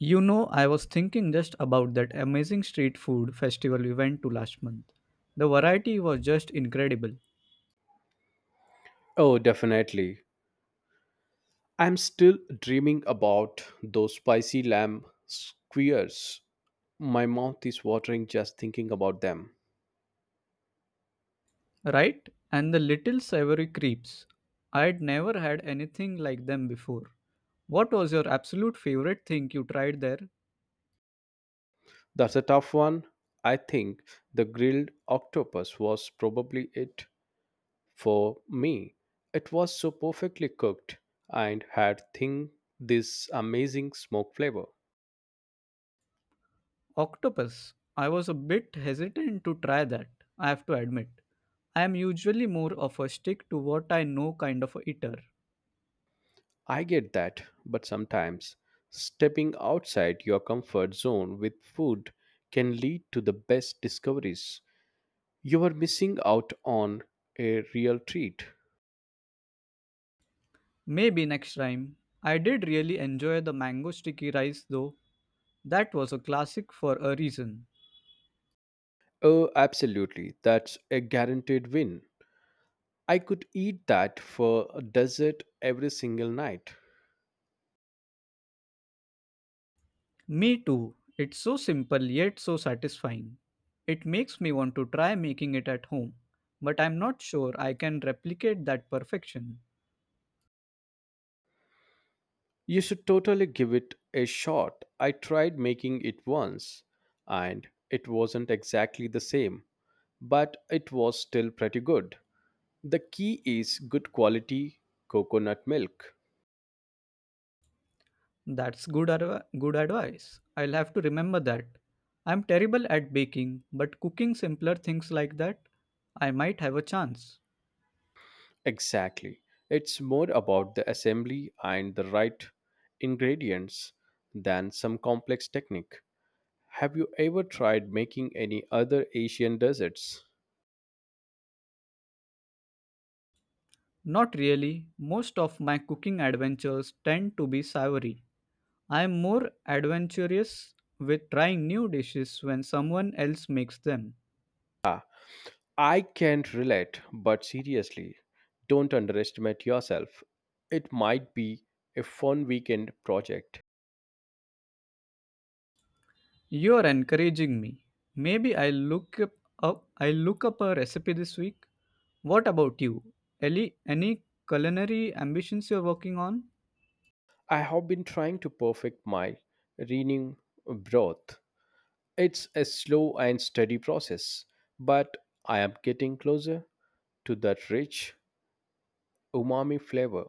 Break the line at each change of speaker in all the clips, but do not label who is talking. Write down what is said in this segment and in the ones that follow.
You know, I was thinking just about that amazing street food festival we went to last month. The variety was just incredible,
Oh, definitely. I'm still dreaming about those spicy lamb squares. My mouth is watering just thinking about them.
right? And the little savory crepes. I'd never had anything like them before. What was your absolute favorite thing you tried there?
That's a tough one. I think the grilled octopus was probably it for me. It was so perfectly cooked and had thing this amazing smoke flavor.
Octopus. I was a bit hesitant to try that, I have to admit. I am usually more of a stick to what I know kind of a eater.
I get that, but sometimes stepping outside your comfort zone with food can lead to the best discoveries. You are missing out on a real treat.
Maybe next time. I did really enjoy the mango sticky rice though. That was a classic for a reason.
Oh, absolutely. That's a guaranteed win. I could eat that for a dessert every single night.
Me too. It's so simple yet so satisfying. It makes me want to try making it at home, but I'm not sure I can replicate that perfection.
You should totally give it a shot. I tried making it once, and it wasn't exactly the same, but it was still pretty good. The key is good quality coconut milk.
That's good advice. I'll have to remember that. I'm terrible at baking, but cooking simpler things like that, I might have a chance.
Exactly. It's more about the assembly and the right ingredients than some complex technique. Have you ever tried making any other Asian desserts?
Not really. Most of my cooking adventures tend to be savory. I'm more adventurous with trying new dishes when someone else makes them.
I can't relate, but seriously, don't underestimate yourself. It might be a fun weekend project.
You're encouraging me. Maybe I'll look up, up I'll look up a recipe this week. What about you? Ellie, any culinary ambitions you're working on?
I have been trying to perfect my reading broth. It's a slow and steady process, but I am getting closer to that rich umami flavor.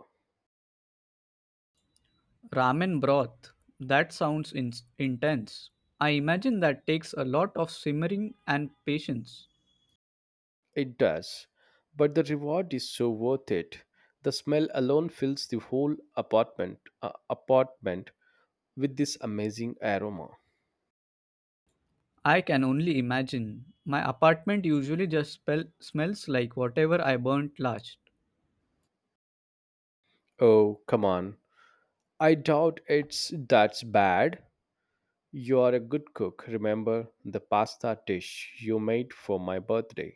Ramen broth. That sounds intense. I imagine that takes a lot of simmering and patience.
It does, but the reward is so worth it. The smell alone fills the whole apartment apartment with this amazing aroma.
I can only imagine. My apartment usually just smells like whatever I burnt last.
Oh, come on. I doubt it's that's bad. You are a good cook. Remember the pasta dish you made for my birthday.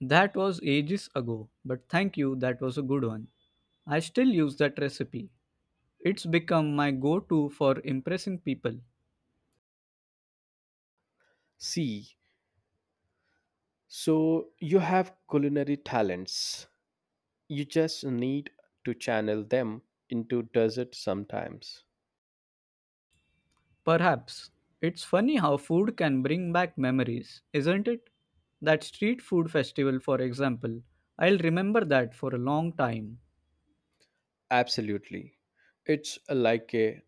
That was ages ago, but thank you, that was a good one. I still use that recipe. It's become my go to for impressing people.
See, so you have culinary talents. You just need to channel them into dessert sometimes.
Perhaps. It's funny how food can bring back memories, isn't it? That street food festival, for example, I'll remember that for a long time.
Absolutely. It's like a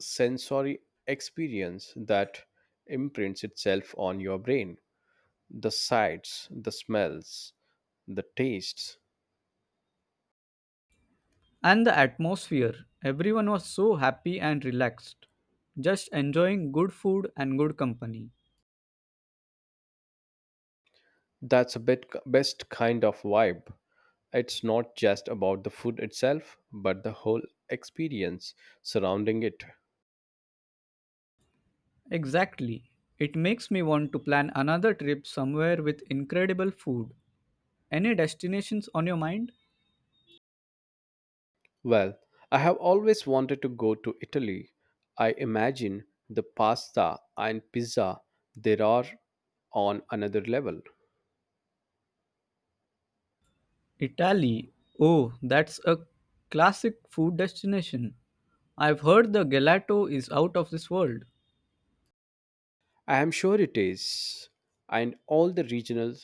sensory experience that imprints itself on your brain. The sights, the smells, the tastes.
And the atmosphere, everyone was so happy and relaxed, just enjoying good food and good company.
That's a bit best kind of vibe. It's not just about the food itself, but the whole experience surrounding it.
Exactly. It makes me want to plan another trip somewhere with incredible food. Any destinations on your mind?
Well, I have always wanted to go to Italy. I imagine the pasta and pizza there are on another level.
Italy. Oh, that's a classic food destination. I've heard the gelato is out of this world.
I am sure it is. And all the regional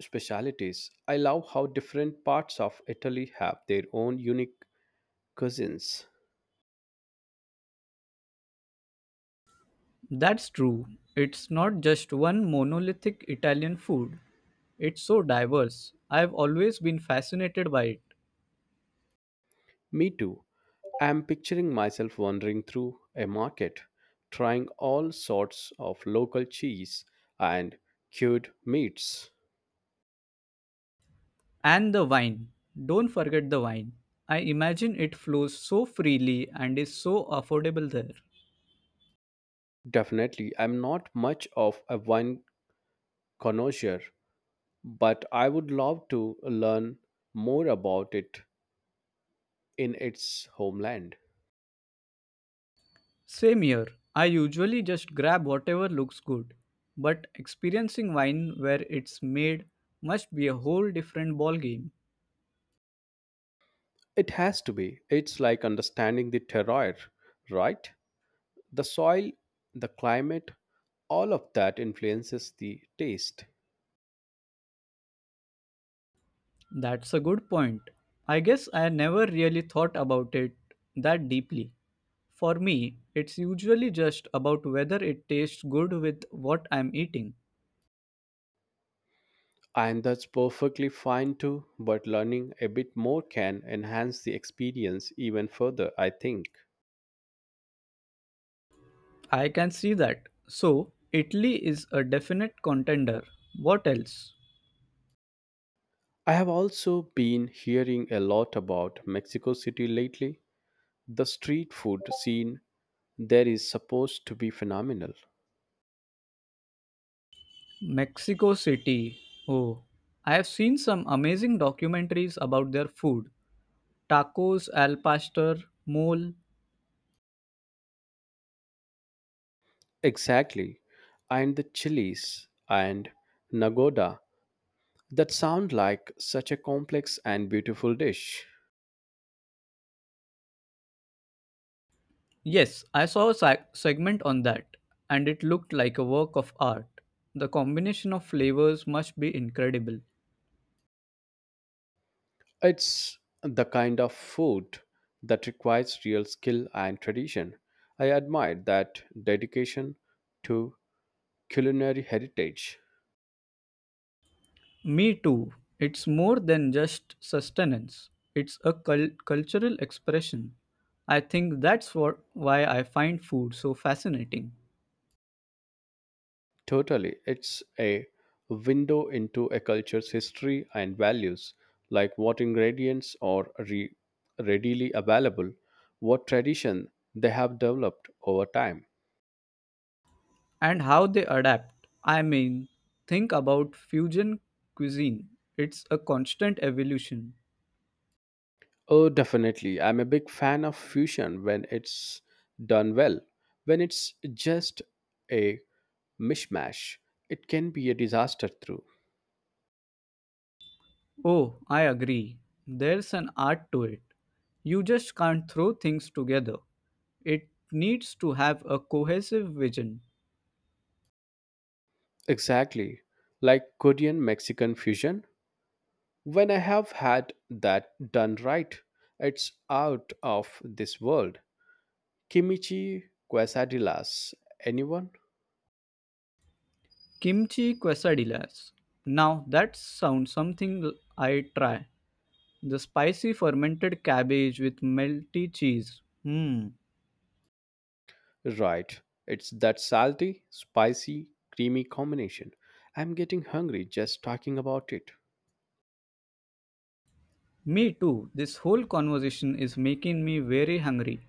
specialities. I love how different parts of Italy have their own unique cuisines.
That's true. It's not just one monolithic Italian food. It's so diverse. I've always been fascinated by it.
Me too. I am picturing myself wandering through a market, trying all sorts of local cheese and cured meats.
And the wine. Don't forget the wine. I imagine it flows so freely and is so affordable there.
Definitely, I'm not much of a wine connoisseur, but I would love to learn more about it in its homeland.
Same here. I usually just grab whatever looks good, but experiencing wine where it's made must be a whole different ballgame.
It has to be. It's like understanding the terroir, right? The soil, the climate, all of that influences the taste.
That's a good point. I guess I never really thought about it that deeply. For me, it's usually just about whether it tastes good with what I'm eating.
And that's perfectly fine too, but learning a bit more can enhance the experience even further, I think.
I can see that. So, Italy is a definite contender. What else?
I have also been hearing a lot about Mexico City lately. The street food scene there is supposed to be phenomenal.
Mexico City. Oh, I have seen some amazing documentaries about their food. Tacos, al pastor, mole.
Exactly. And the chilies and Nagoda that sound like such a complex and beautiful dish.
Yes, I saw a segment on that and it looked like a work of art. The combination of flavors must be incredible.
It's the kind of food that requires real skill and tradition. I admire that dedication to culinary heritage.
Me too. It's more than just sustenance. It's a cultural expression. I think that's what why I find food so fascinating.
Totally, it's a window into a culture's history and values, like what ingredients are readily available, what tradition they have developed over time.
And how they adapt. I mean, think about fusion cuisine. It's a constant evolution.
Oh, definitely. I'm a big fan of fusion when it's done well. When it's just a mishmash, it can be a disaster through.
Oh, I agree. There's an art to it. You just can't throw things together. It needs to have a cohesive vision.
Exactly. Like Korean Mexican fusion. When I have had that done right, it's out of this world. Kimchi quesadillas. Anyone?
Kimchi quesadillas. Now that sounds something I try. The spicy fermented cabbage with melty cheese. Hmm.
Right. It's that salty, spicy, creamy combination. I'm getting hungry just talking about it.
Me too. This whole conversation is making me very hungry.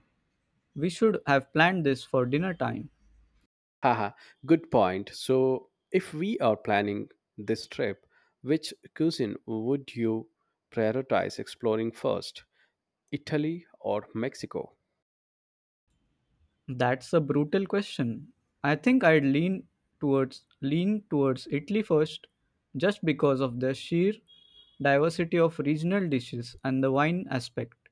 We should have planned this for dinner time.
Haha, good point. So, if we are planning this trip, which cuisine would you prioritize exploring first, Italy or Mexico?
That's a brutal question. I think I'd lean towards Italy first just because of the sheer diversity of regional dishes and the wine aspect.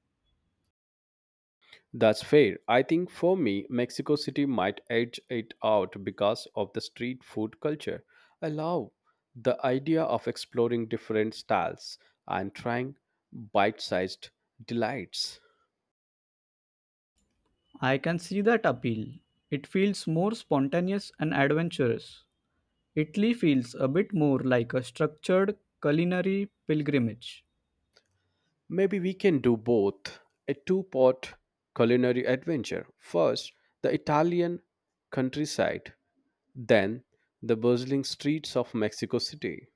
That's fair. I think for me, Mexico City might edge it out because of the street food culture. I love the idea of exploring different styles and trying bite sized delights.
I can see that appeal. It feels more spontaneous and adventurous. Italy feels a bit more like a structured culinary pilgrimage.
Maybe we can do both a two-part culinary adventure. First, the Italian countryside, then, the bustling streets of Mexico City.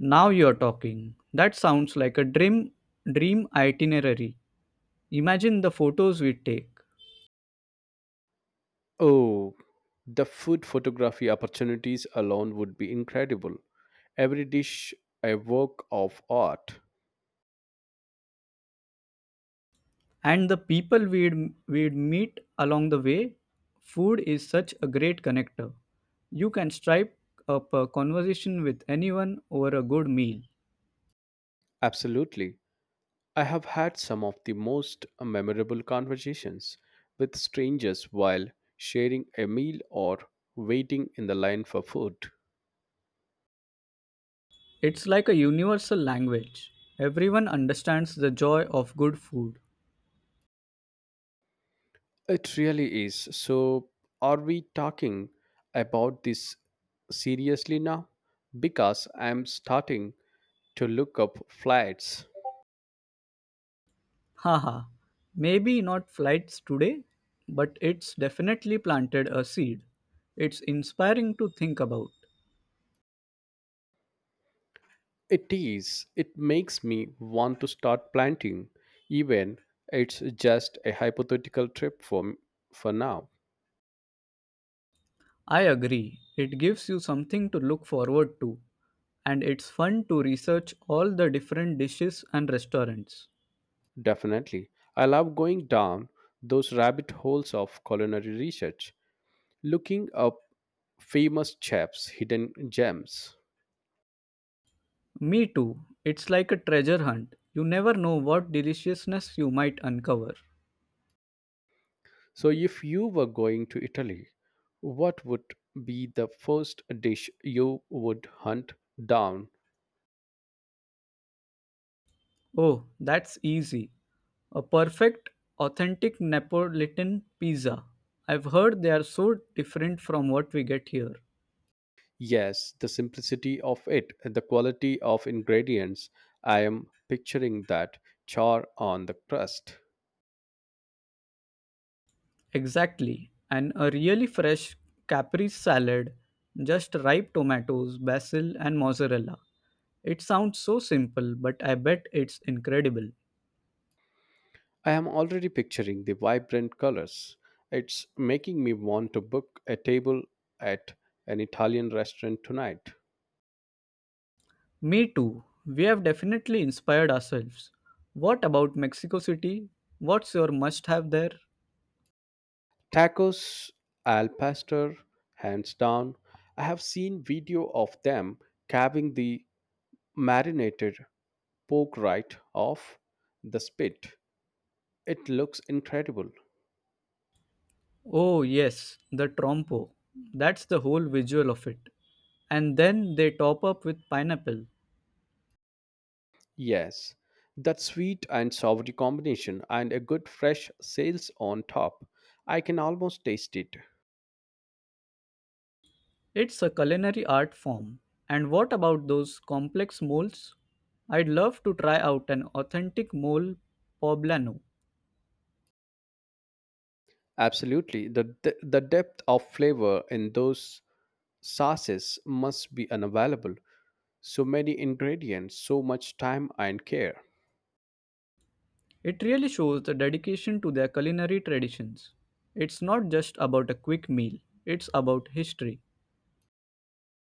Now you're talking. That sounds like a dream itinerary. Imagine the photos we'd take,
Oh, the food photography opportunities alone would be incredible. Every dish a work of art.
and the people we'd meet along the way. Food is such a great connector. You can strike up a conversation with anyone over a good meal.
Absolutely. I have had some of the most memorable conversations with strangers while sharing a meal or waiting in the line for food.
It's like a universal language. Everyone understands the joy of good food.
It really is. So, are we talking about this seriously now? Because I'm starting to look up flats.
Haha, maybe not flights today, but it's definitely planted a seed. It's inspiring to think about.
It is. It makes me want to start planting, even it's just a hypothetical trip for now.
I agree. It gives you something to look forward to, and it's fun to research all the different dishes and restaurants.
Definitely, I love going down those rabbit holes of culinary research, looking up famous chefs' hidden gems.
Me too. It's like a treasure hunt. You never know what deliciousness you might uncover.
So, if you were going to Italy, what would be the first dish you would hunt down?
Oh, that's easy. A perfect, authentic Neapolitan pizza. I've heard they are so different from what we get here.
Yes, the simplicity of it, the quality of ingredients. I am picturing that char on the crust.
Exactly. And a really fresh Capri salad, just ripe tomatoes, basil, and mozzarella. It sounds so simple, but I bet it's incredible.
I am already picturing the vibrant colors. It's making me want to book a table at an Italian restaurant tonight.
Me too. We have definitely inspired ourselves. What about Mexico City? What's your must have there?
Tacos al pastor, hands down. I have seen video of them carving the marinated pork right off the spit. It looks incredible.
Oh, yes, the trompo. That's the whole visual of it. And then they top up with pineapple.
Yes, that sweet and savory combination and a good fresh sales on top. I can almost taste it.
It's a culinary art form. And what about those complex moles? I'd love to try out an authentic mole poblano.
Absolutely. The depth of flavor in those sauces must be unavailable. So many ingredients, so much time and care.
It really shows the dedication to their culinary traditions. It's not just about a quick meal, it's about history.